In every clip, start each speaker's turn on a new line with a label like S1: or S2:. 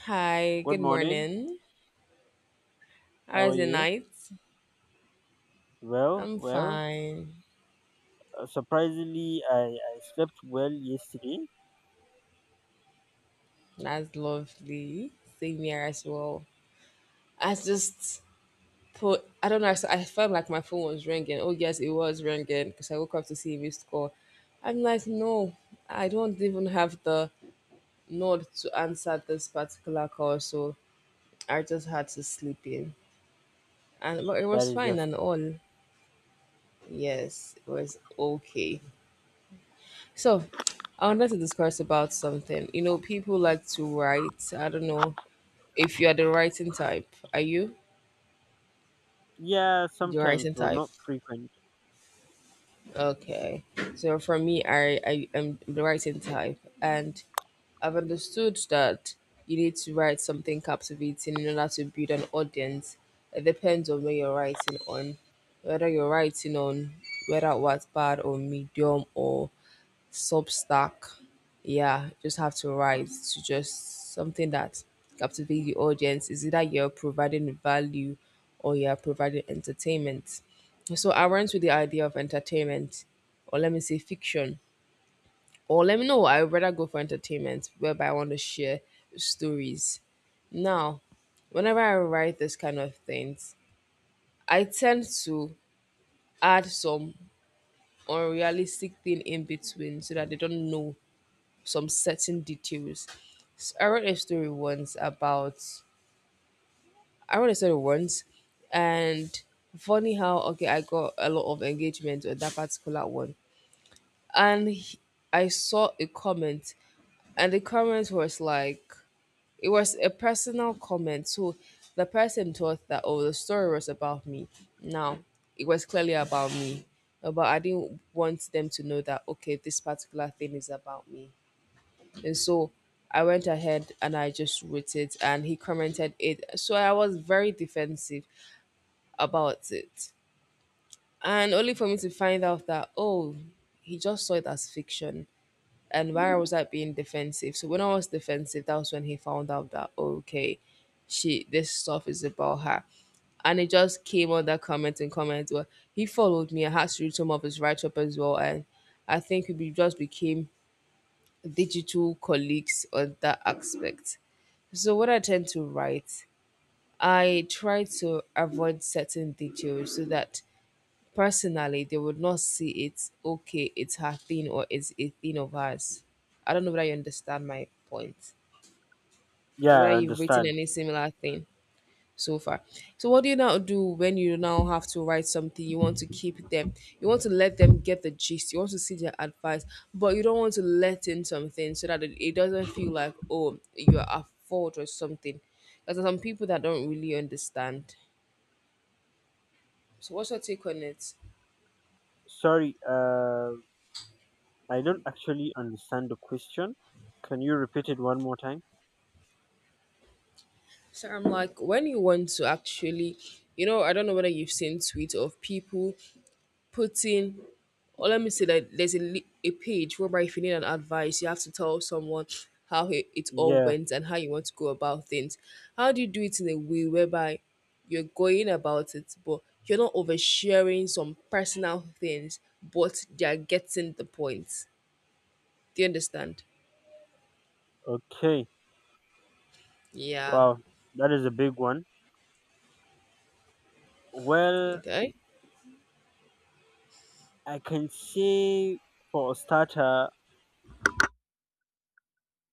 S1: Hi,
S2: Good
S1: good
S2: morning.
S1: morning.
S2: How are
S1: How's the
S2: you?
S1: night?
S2: Well,
S1: I'm
S2: well,
S1: fine.
S2: uh, surprisingly, I slept well yesterday.
S1: That's lovely. Same here as well. I just put, I don't know, I felt like my phone was ringing. Oh, yes, it was ringing because I woke up to see a missed call. I'm like, no, I don't even have the nod to answer this particular call. So I just had to sleep in. And but it
S2: That
S1: was
S2: is
S1: fine
S2: just,
S1: and all. Yes, it was okay. So, I wanted to discuss about something. You know, people like to write. I don't know if you are the writing type. Are you
S2: yeah,
S1: the
S2: sometimes,
S1: writing
S2: but
S1: type?
S2: not frequent.
S1: Okay. So for me, I am the writing type, and I've understood that you need to write something captivating in order to build an audience. It depends on where you're writing on, whether you're writing on, whether Wattpad or Medium or Substack. Yeah, just have to write to just something that captivates the audience. Is either you're providing value or you're providing entertainment. So I went with the idea of entertainment, or let me say fiction, or let me know. I would rather go for entertainment, whereby I want to share stories. Now, whenever I write this kind of things, I tend to add some unrealistic thing in between so that they don't know some certain details. S- I wrote a story once about I wrote a story once, and funny how okay I got a lot of engagement on that particular one, and I saw a comment, and the comment was like it was a personal comment, so the person thought that oh the story was about me. Now it was clearly about me, but I didn't want them to know that okay this particular thing is about me. And so I went ahead and I just wrote it and he commented it. So I was very defensive about it. And only for me to find out that, oh, he just saw it as fiction. And why was I being defensive? So when I was defensive, that was when he found out that, oh, okay, she this stuff is about her and it just came on that comment and comment. Well, he followed me. I had to read some of his write up as well, and I think we just became digital colleagues on that aspect. So what I tend to write, I try to avoid certain details so that personally they would not see it, okay, it's her thing or it's a thing of hers. I don't know whether you understand my point.
S2: Yeah,
S1: Whether
S2: I
S1: you've written
S2: understand.
S1: any similar thing so far. So what do you now do when you now have to write something? You want to keep them. You want to let them get the gist. You want to see their advice, but you don't want to let in something so that it doesn't feel like oh you are at fault or something. Because there are some people that don't really understand. So what's your take on it?
S2: Sorry, I don't actually understand the question. Can you repeat it one more time?
S1: So I'm like, when you want to actually, you know, I don't know whether you've seen tweets of people put in or let me say that there's a page whereby if you need an advice you have to tell someone how it all
S2: Yeah,
S1: went and how you want to go about things, how do you do it in a way whereby you're going about it but you're not oversharing some personal things but they're getting the point, do you understand?
S2: okay.
S1: Yeah.
S2: Wow, that is a big one. Well,
S1: Okay.
S2: I can say for a starter,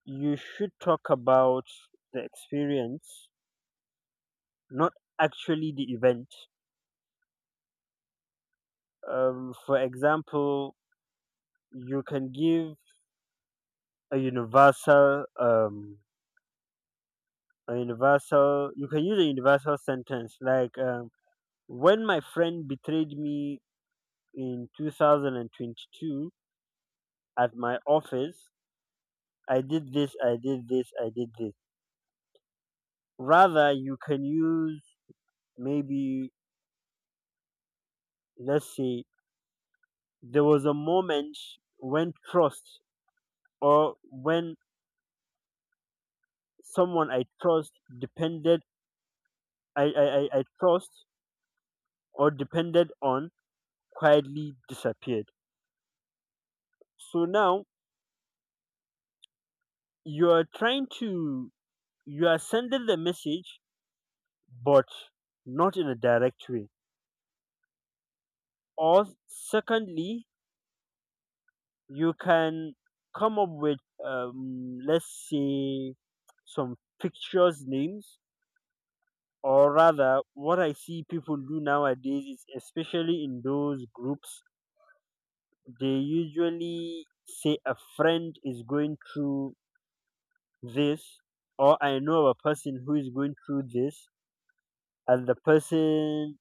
S2: you should talk about the experience, not actually the event. For example, you can give a universal, um, a universal. You can use a universal sentence like, "When my friend betrayed me in 2022 at my office, I did this, I did this, I did this." Rather, you can use maybe, let's say, there was a moment when trust or when someone I trust depended I trust or depended on quietly disappeared. So now you are trying to, you are sending the message, but not in a direct way. Or secondly, you can come up with, let's say, some fictitious names, or rather, what I see people do nowadays is, especially in those groups, they usually say a friend is going through this or I know of a person who is going through this and the person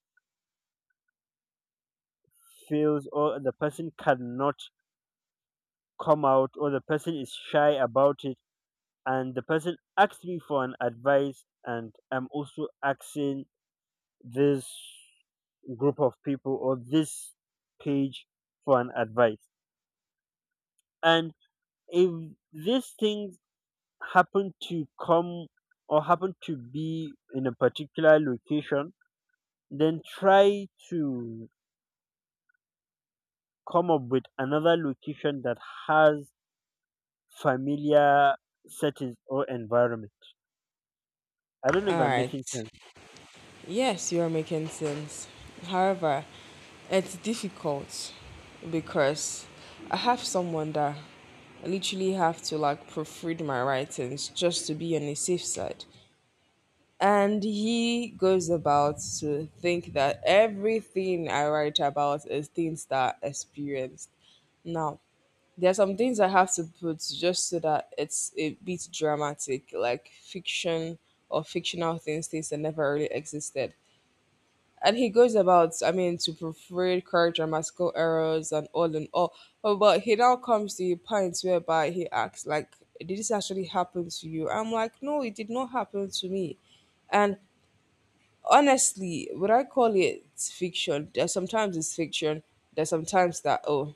S2: feels or the person cannot come out or the person is shy about it, and the person asks me for an advice, and I'm also asking this group of people or this page for an advice. And if these things happen to come or happen to be in a particular location, then try to come up with another location that has familiar settings or environment. I don't know if
S1: All
S2: I'm
S1: right.
S2: making sense.
S1: Yes, you are making sense. However, it's difficult because I have someone that I literally have to like proofread my writings just to be on the safe side. And he goes about to think that everything I write about is things that I experienced. Now, there are some things I have to put just so that it's a bit dramatic, like fiction or fictional things, things that never really existed and he goes about I mean to proofread, correct grammatical errors and all but he now comes to a point whereby he asks like did this actually happen to you? I'm like, no, it did not happen to me. And honestly, would I call it fiction? There's sometimes it's fiction, there's sometimes that oh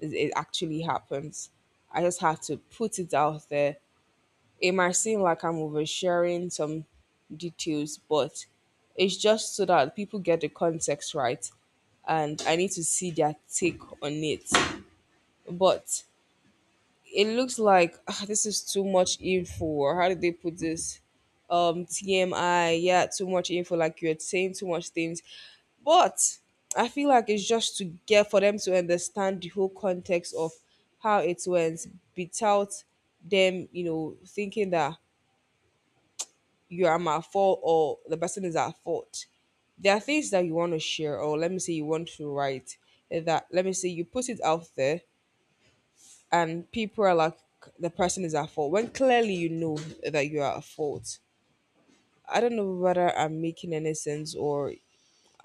S1: it actually happens, I just have to put it out there, it might seem like I'm oversharing some details, but it's just so that people get the context right and I need to see their take on it. But it looks like ah, this is too much info. Or how did they put this? TMI, yeah, too much info, like you're saying too much things. But I feel like it's just to get for them to understand the whole context of how it went without them, you know, thinking that you are at fault or the person is at fault. There are things that you want to share, or let me say you want to write, that let me say you put it out there and people are like the person is at fault when clearly you know that you are at fault. I don't know whether I'm making any sense or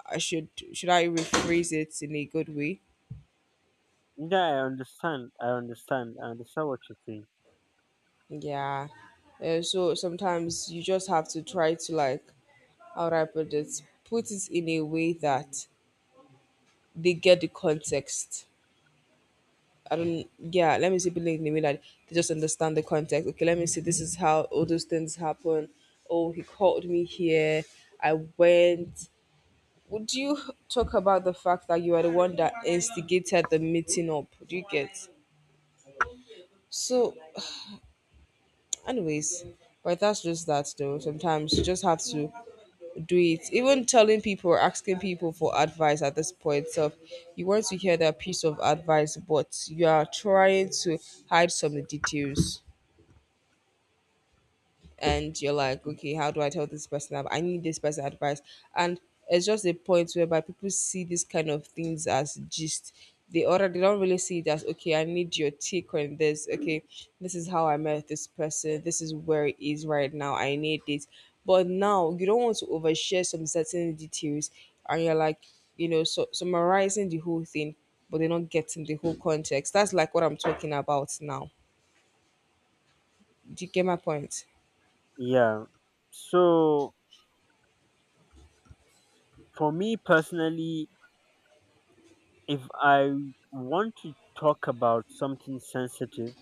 S1: I should I rephrase it in a good way?
S2: Yeah, I understand what you're saying.
S1: Yeah. So sometimes you just have to try to like how do I put it? Put it in a way that they get the context, I don't, yeah, let me see people in the way that they just understand the context. Okay, let me see, this is how all those things happen. Oh, he called me here. I went. Would you talk about the fact that you are the one that instigated the meeting up? Do you get? So, anyways, but that's just that though. Sometimes you just have to do it. Even telling people or asking people for advice at this point of you want to hear that piece of advice, but you are trying to hide some of the details. And you're like, okay, how do I tell this person? I need this person advice, and it's just a point whereby people see these kind of things as gist. They order, they don't really see it as okay. I need your take on this. Okay, this is how I met this person. This is where it is right now. I need this, but now you don't want to overshare some certain details, and you're like, you know, so summarizing the whole thing, but they're not getting the whole context. That's like what I'm talking about now. Do you get my point?
S2: Yeah. So for me personally, if I want to talk about something sensitive,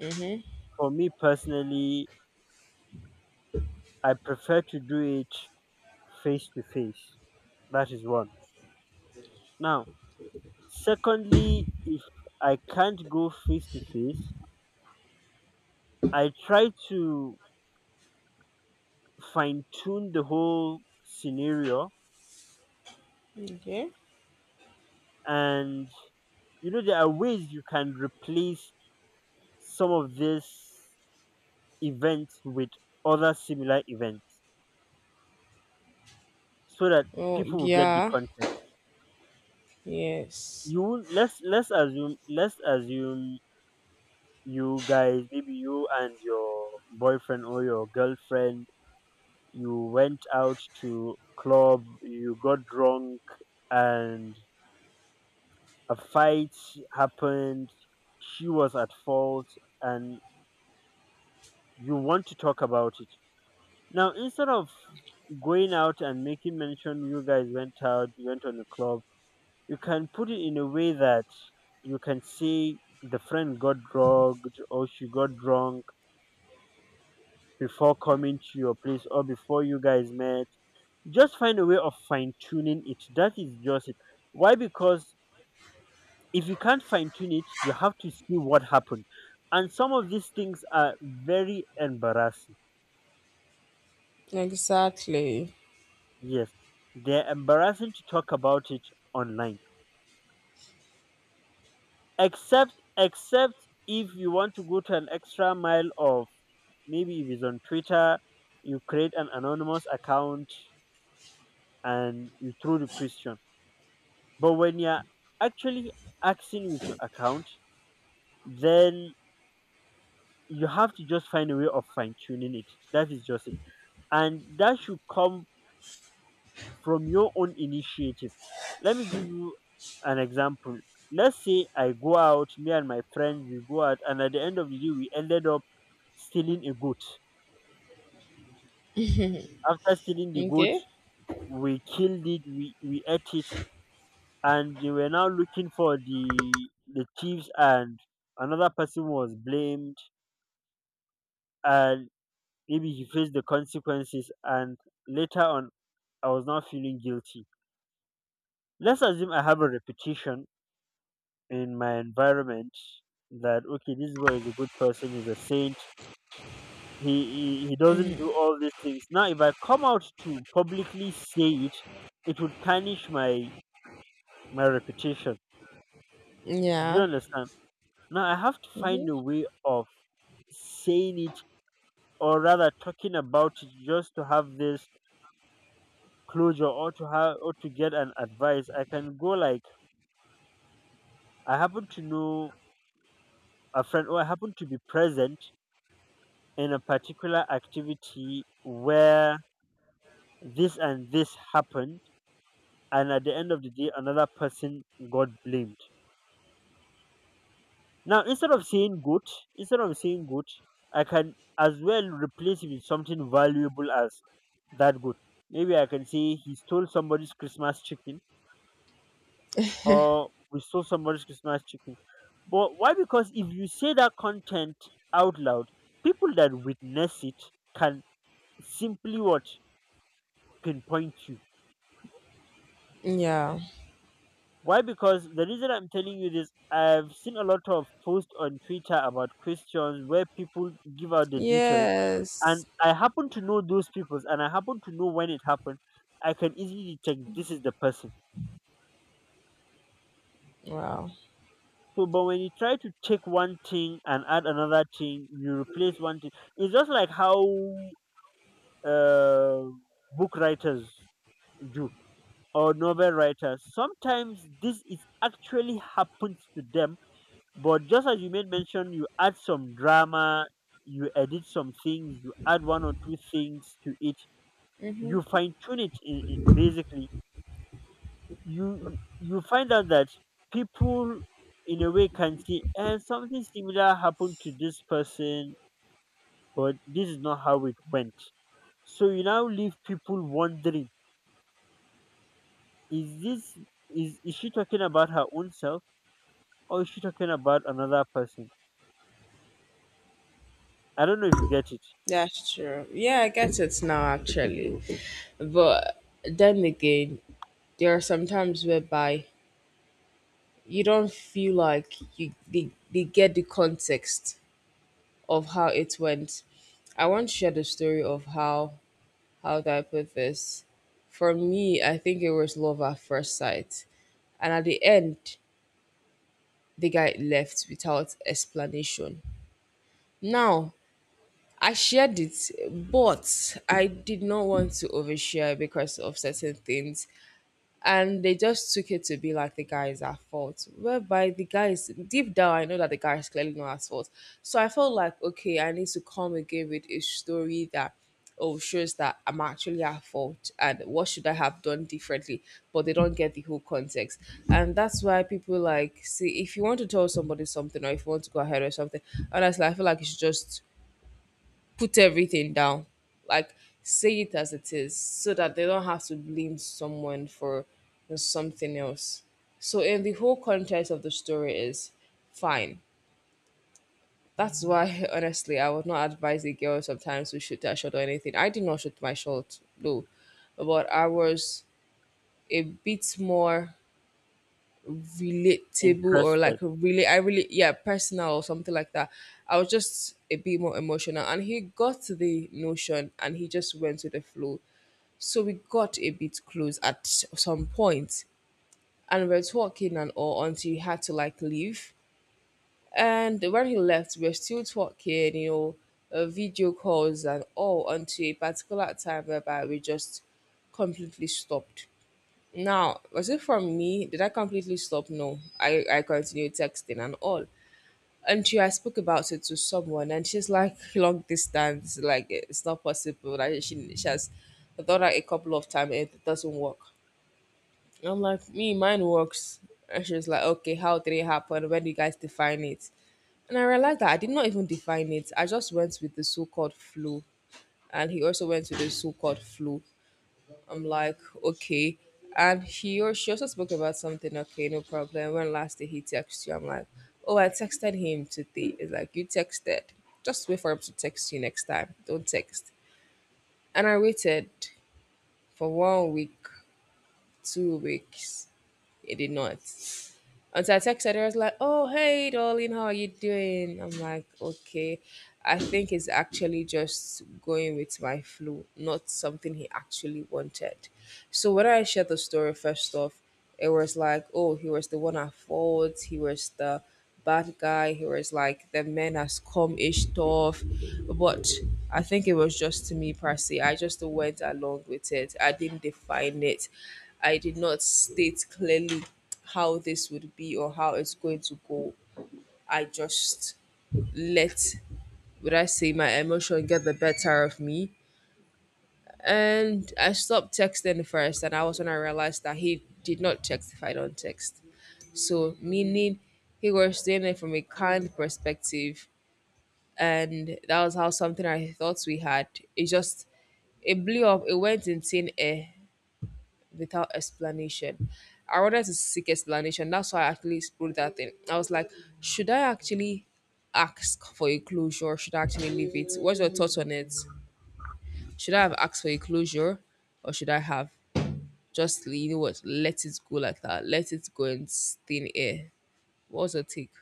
S1: Mm-hmm.
S2: for me personally, I prefer to do it face to face. That is one. Now, secondly, if I can't go face to face, I try to fine tune the whole scenario,
S1: Okay.
S2: and you know there are ways you can replace some of these events with other similar events so that
S1: Oh,
S2: people will get the
S1: yeah.
S2: context.
S1: Yes.
S2: You won't- let's let's assume let's assume you guys, maybe you and your boyfriend or your girlfriend, you went out to club, you got drunk, and a fight happened, she was at fault, and you want to talk about it. Now, instead of going out and making mention you guys went out, you went on a club, you can put it in a way that you can say the friend got drugged or she got drunk before coming to your place or before you guys met. Just find a way of fine tuning it. That is just it. Why? Because if you can't fine tune it, you have to see what happened. And some of these things are very embarrassing.
S1: Exactly.
S2: Yes, they're embarrassing to talk about it online. Except, except if you want to go to an extra mile of, maybe if it's on Twitter, you create an anonymous account and you throw the question. But when you're actually acting with your account, then you have to just find a way of fine tuning it. That is just it. And that should come from your own initiative. Let me give you an example. Let's say I go out, me and my friend, we go out, and at the end of the day, we ended up stealing a goat. After stealing the goat,
S1: Okay.
S2: we killed it, we ate it, and they were now looking for the thieves, and another person was blamed, and maybe he faced the consequences, and later on, I was not feeling guilty. Let's assume I have a reputation in my environment that okay, this boy is a good person, he's a saint. He doesn't
S1: Mhm.
S2: do all these things. Now, if I come out to publicly say it, it will tarnish my reputation. Do you
S1: Yeah.
S2: understand? Now, I have to find a
S1: Hmm.
S2: way of saying it, or rather talking about it, just to have this closure or to have or to get an advice. I can go like I happen to know a friend, or I happen to be present in a particular activity where this and this happened, and at the end of the day another person got blamed. Now, instead of saying good, I can as well replace it with something valuable as that good. Maybe I can say he stole somebody's Christmas chicken or we stole somebody's Christmas chicken. But why? Because if you say that content out loud, people that witness it can simply what pinpoint you.
S1: Yeah.
S2: Why? Because the reason I'm telling you this, I've seen a lot of posts on Twitter about questions where people give out the details, and
S1: Yes.
S2: I happen to know those people, and I happen to know when it happened. I can easily detect this is the person.
S1: Wow.
S2: So, but when you try to take one thing and add another thing, you replace one thing. It's just like how uh, book writers do or novel writers. Sometimes this is actually happens to them. But just as you made mention, you add some drama, you edit some things, you add one or two things to it,
S1: Hmm.
S2: you fine tune it. In- basically, you find out that people, in a way, can see and something similar happened to this person, but this is not how it went. So you now leave people wondering: Is this, is she talking about her own self, or is she talking about another person? I don't know if you get it.
S1: That's true. Yeah, I guess it's now actually. But then again, there are some times whereby you don't feel like they get the context of how it went. I want to share the story of how do I put this. For me, I think it was love at first sight and at the end the guy left without explanation, now I shared it but I did not want to overshare because of certain things and they just took it to be like the guy is at fault whereby the guy is deep down I know that the guy is clearly not at fault, so I felt like okay I need to come again with a story that oh shows that I'm actually at fault and what should I have done differently, but they don't get the whole context, and that's why people like see if you want to tell somebody something or if you want to go ahead or something, honestly I feel like you should just put everything down, like say it as it is so that they don't have to blame someone for something else, so in the whole context of the story is fine, that's why honestly I would not advise a girl sometimes to shoot their shot or anything, I did not shoot my shot, no, but I was a bit more relatable or
S2: Interested.
S1: like a really I really yeah personal or something like that. I was just a bit more emotional, and he got the notion and he just went with the flow. So we got a bit close at some point, and we are talking and all until he had to like leave. And when he left, we were still talking, you know, video calls and all until a particular time whereby we just completely stopped, now, was it from me? Did I completely stop? No, I continued texting and all. Until I spoke about it to someone, and she's like, long distance, like it's not possible. Like she has thought out a couple of times, it doesn't work. I'm like, me, mine works. And she was like, okay, how did it happen? When do you guys define it? And I realized that I did not even define it. I just went with the so called flu. And he also went with the so called flu. I'm like, okay. And he or she also spoke about something, okay, no problem. When last day he texted you, I'm like, oh, I texted him today. It's like, you texted. Just wait for him to text you next time. Don't text. And I waited for one week, 2 weeks. It did not. And so I texted her, I was like, oh, hey, darling, how are you doing? I'm like, okay. I think it's actually just going with my flu, not something he actually wanted. So when I shared the story, first off, it was like, oh, he was the one at fault. He was the bad guy. He was like, the man has come ish stuff. But I think it was just to me, Percy. I just went along with it. I didn't define it. I did not state clearly how this would be or how it's going to go. I just let, would I say, my emotion get the better of me. And I stopped texting first, and I was when I realized that he did not text if I don't text. So, meaning he was doing it from a kind perspective, and that was how something I thought we had. It just it blew up, it went in thin air, without explanation. I wanted to seek explanation. That's why I actually wrote that thing. I was like, should I actually ask for a closure or should I actually leave it? What's your thoughts on it? Should I have asked for a closure or should I have just, you know what, let it go like that? Let it go in thin air. What was your take?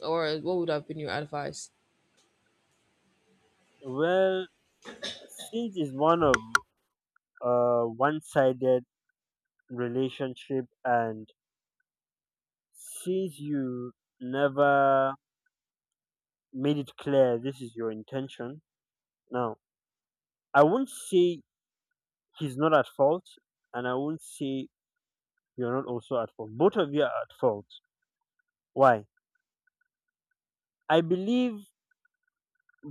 S1: Or what would have been your advice?
S2: Well, Siege is one of one-sided relationship, and since you never made it clear this is your intention, now I won't say he's not at fault, and I won't say you're not also at fault. Both of you are at fault. Why? I believe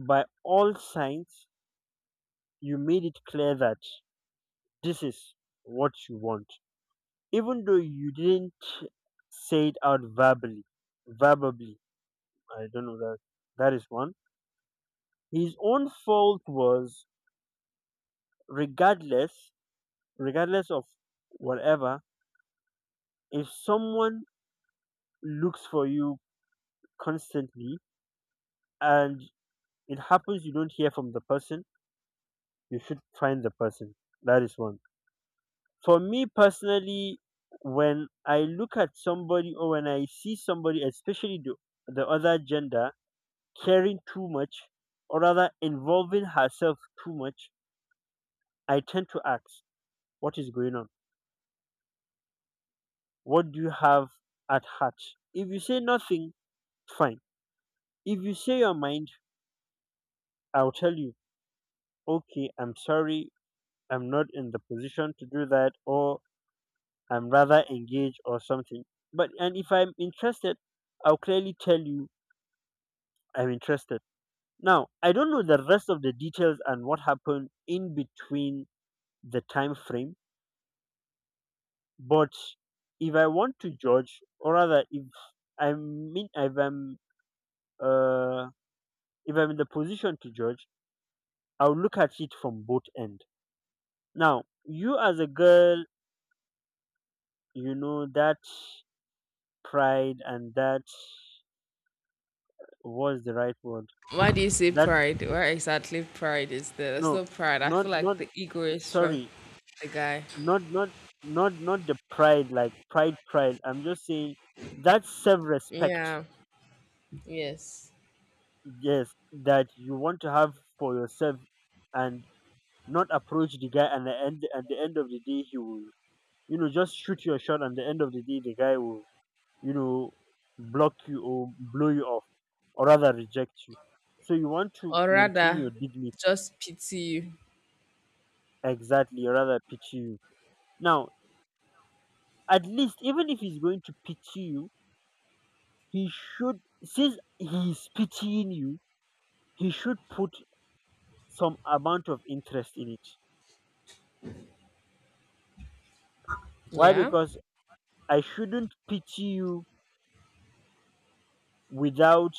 S2: by all signs you made it clear that this is what you want, even though you didn't say it out verbally. Verbally I don't know that. That is one. His own fault was regardless, regardless of whatever, if someone looks for you constantly and it happens you don't hear from the person, you should find the person. That is one. For me personally, when I look at somebody or when I see somebody, especially the other gender, caring too much or rather involving herself too much, I tend to ask, what is going on? What do you have at heart? If you say nothing, fine. If you say your mind, I'll tell you, okay, I'm sorry, I'm not in the position to do that, or I'm rather engaged or something. But and if I'm interested, I'll clearly tell you I'm interested. Now, I don't know the rest of the details and what happened in between the time frame, but if I want to judge, or rather, if I mean, uh, if I'm in the position to judge, I will look at it from both end. Now, you as a girl, you know that pride and that what's the right word?
S1: Why do you say
S2: That
S1: pride? Where exactly pride is there? There's
S2: no,
S1: no pride. I
S2: not
S1: feel like
S2: not
S1: the ego is from
S2: sorry,
S1: the guy.
S2: not not not the pride like pride pride. I'm just saying that self-respect.
S1: Yeah. Yes.
S2: Yes, that you want to have for yourself and not approach the guy and the end at the end of the day he will you know just shoot your shot and the end of the day the guy will, you know, block you or blow you off or rather reject you. So you want to
S1: Or
S2: maintain your
S1: rather
S2: dignity
S1: just pity you.
S2: exactly or rather pity you. Now, at least even if he's going to pity you, he should since he's pitying you, he should put some amount of interest in it. Why?
S1: Yeah,
S2: Because I shouldn't pity you without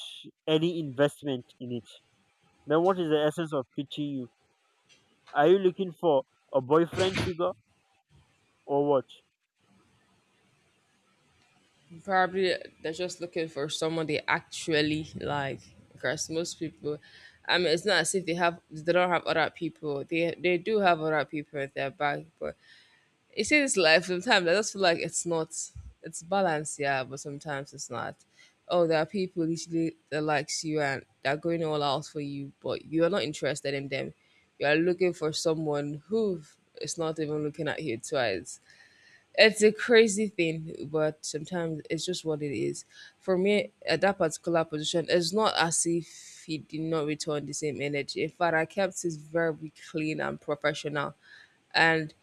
S2: any investment in it. Then what is the essence of pitying you? Are you looking for a boyfriend figure or what?
S1: probably they're just looking for someone they actually like. Because most people, I mean, it's not as if they don't have other people. They do have other people in their back, but you see this life, sometimes I just feel like it's not. It's balanced, yeah, but sometimes it's not. Oh, there are people literally that likes you and they're going all out for you, but you're not interested in them. You are looking for someone who is not even looking at you twice. It's a crazy thing, but sometimes it's just what it is. For me, at that particular position, it's not as if he did not return the same energy. In fact, I kept it very clean and professional. And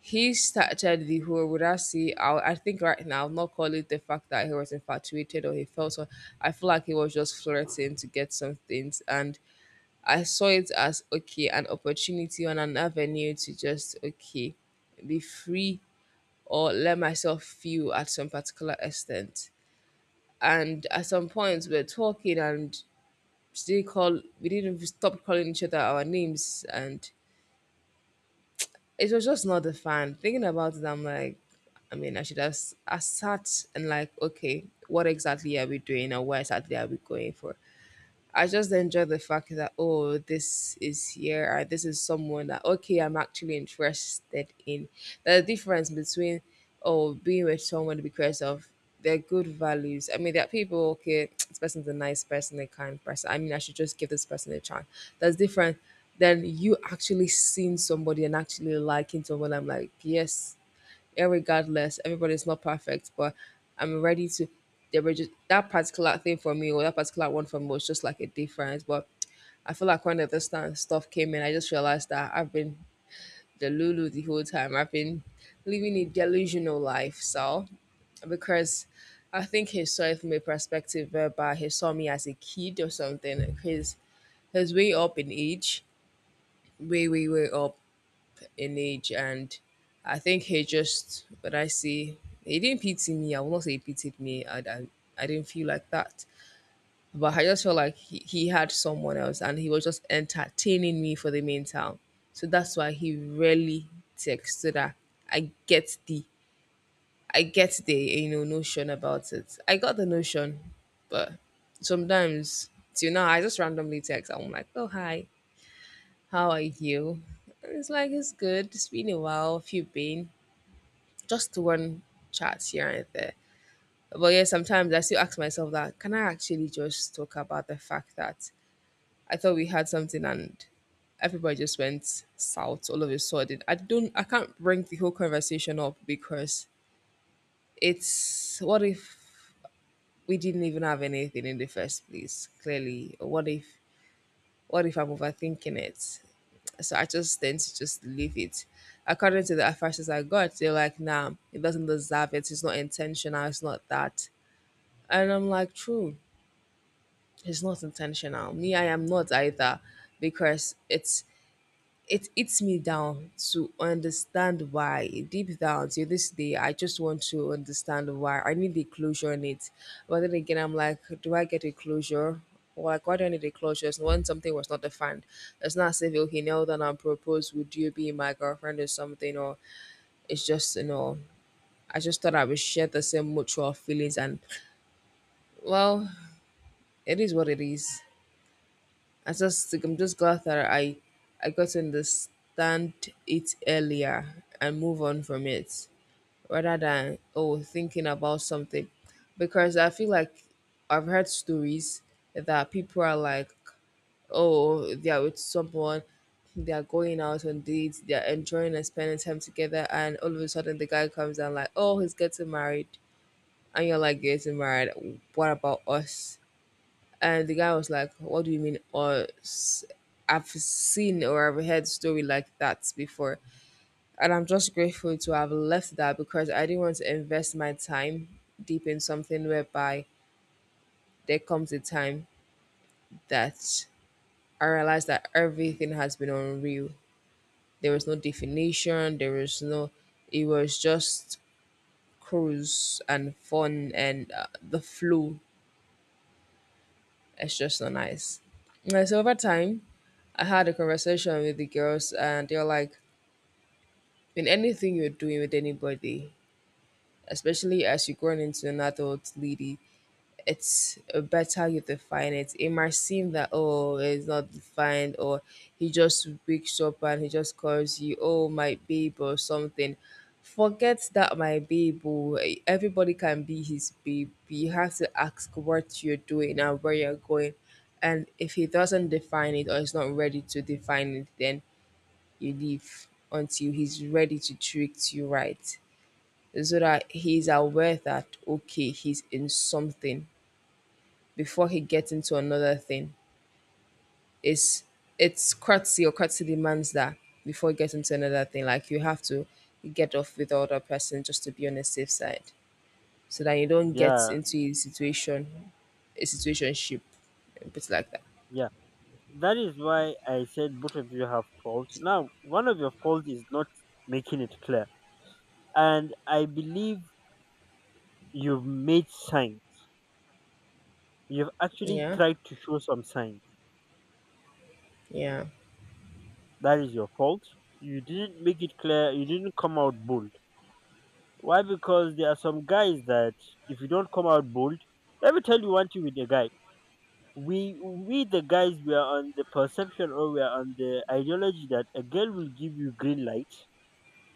S1: he started the whole would I see I think right now I'll not call it the fact that he was infatuated or he felt so, I feel like he was just flirting to get some things. And I saw it as okay, an opportunity on an avenue to just okay be free or let myself feel at some particular extent. And at some points, we're talking and they call we didn't even stop calling each other our names, and it was just not the fun. Thinking about it, I'm like, I mean, I should have s- I sat and like, okay, what exactly are we doing, and where exactly are we going for? I just enjoy the fact that oh, this is here, or this is someone that okay, I'm actually interested in. The difference between oh, being with someone because of their good values. I mean, there are people okay, this person's a nice person, a kind person. I mean, I should just give this person a chance. That's different than you actually seeing somebody and actually liking someone. I'm like, yes, irregardless, everybody's not perfect, but I'm ready to. They were just that particular thing for me, or that particular one for me, was just like a difference. But I feel like when the this time stuff came in, I just realized that I've been the Lulu the whole time. I've been living a delusional life. So, because I think he saw it from a perspective whereby he saw me as a kid or something, because his way up in age, way, way, way up in age. And I think he just, but I see he didn't pity me, I will not say he pitied me. I didn't feel like that. But I just felt like he had someone else and he was just entertaining me for the meantime. So that's why he really texted her. I get the I get the notion about it. I got the notion, but sometimes till now I just randomly text. I'm like, oh hi, how are you? And it's like it's good. It's been a while. If you've been, just one chat here and there. But yeah, sometimes I still ask myself that can I actually just talk about the fact that I thought we had something and everybody just went south all of a sudden. I can't bring the whole conversation up because it's what if we didn't even have anything in the first place, clearly. Or what if I'm overthinking it? So I just tend to just leave it. According to the advices I got, they're like, nah, it doesn't deserve it. It's not intentional. It's not that. And I'm like, true, it's not intentional. Me, I am not either because it eats me down to understand why. Deep down to this day, I just want to understand why. I need a closure on it. But then again, I'm like, do I get a closure? Like, why do I need a closure? It's when something was not defined. It's not as if, okay, now that I proposed, would you be my girlfriend or something? Or it's just, you know, I just thought I would share the same mutual feelings. And, well, it is what it is. I just think I'm just glad that I got to understand it earlier and move on from it rather than oh thinking about something because I feel like I've heard stories that people are like oh they are with someone, they are going out on dates, they are enjoying and spending time together, and all of a sudden the guy comes and like, oh he's getting married. And you're like, getting married? What about us? And the guy was like, what do you mean? Or I've seen or I've heard story like that before. And I'm just grateful to have left that because I didn't want to invest my time deep in something whereby there comes a time that I realized that everything has been unreal. There was no definition, there was no, it was just cruise and fun and the flow. It's just not nice. And so over time, I had a conversation with the girls, and they're like, in anything you're doing with anybody, especially as you're growing into an adult lady, it's better you define it. It might seem that oh, it's not defined, or he just wakes up and he just calls you, oh my babe or something. Forget that my babe. Oh, everybody can be his babe. You have to ask what you're doing and where you're going. And if he doesn't define it or is not ready to define it, then you leave until he's ready to treat you right. So that he's aware that okay, he's in something before he gets into another thing. It's it's courtesy or courtesy demands that before you get into another thing, like you have to get off with the other person just to be on the safe side, so that you don't get
S2: Yeah,
S1: into a situation, a situationship, a bit like that.
S2: yeah. That is why I said both of you have fault. Now, one of your fault is not making it clear. And I believe you've made signs. You've actually
S1: Yeah,
S2: tried to show some signs.
S1: yeah,
S2: That is your fault. You didn't make it clear. You didn't come out bold. Why? Because there are some guys that if you don't come out bold, let me tell you one thing with the guy. We the guys we are on the perception or we are on the ideology that a girl will give you green light,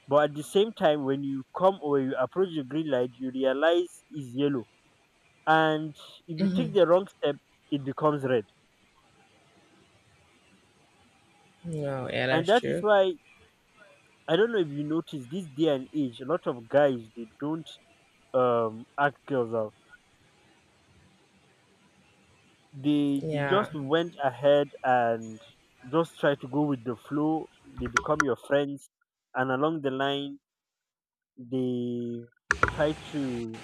S2: but at the same time when you come or you approach the green light you realize it's yellow, and if you take the wrong step it becomes red.
S1: no, yeah,
S2: And
S1: that's
S2: that is
S1: true.
S2: why I don't know if you notice this day and age a lot of guys they don't act girls out, they just
S1: Yeah,
S2: went ahead and just try to go with the flow, they become your friends, and along the line they try to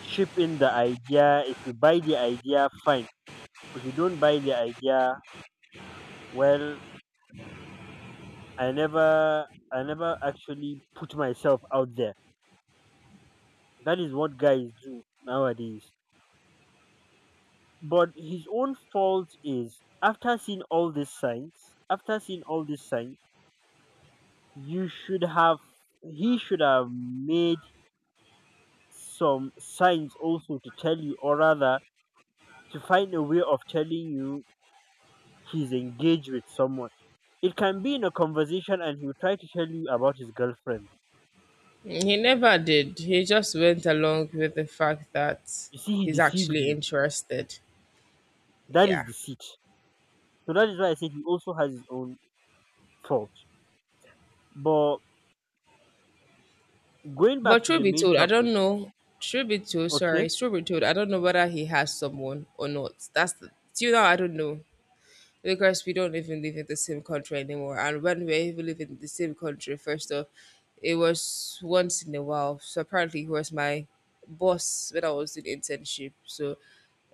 S2: chip in the idea. If you buy the idea, fine. If you don't buy the idea, well, I never I never actually put myself out there. That is what guys do nowadays. But his own fault is after seeing all these signs, you should have he should have made some signs also to tell you or rather to find a way of telling you he's engaged with someone. It can be in a conversation and he will try to tell you about his girlfriend.
S1: he never did. He just went along with the fact that
S2: You see he
S1: he's
S2: deceived
S1: actually
S2: you.
S1: interested.
S2: That is
S1: Yeah.
S2: deceit. So that is why I said he also has his own fault. But going back
S1: But
S2: to
S1: truth
S2: the
S1: be
S2: main
S1: told, I
S2: topic,
S1: don't know. Truth be told,
S2: okay,
S1: sorry. Truth be told, I don't know whether he has someone or not. That's the, till now I don't know because we don't even live in the same country anymore. And when we even live in the same country, first off, it was once in a while. So apparently he was my boss when I was doing internship. So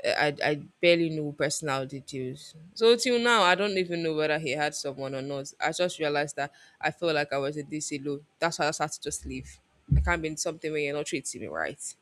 S1: I barely knew personal details. So till now, I don't even know whether he had someone or not. I just realized that I felt like I was a DC low. That's why I started to just leave. I can't be in something where you're not treating me right.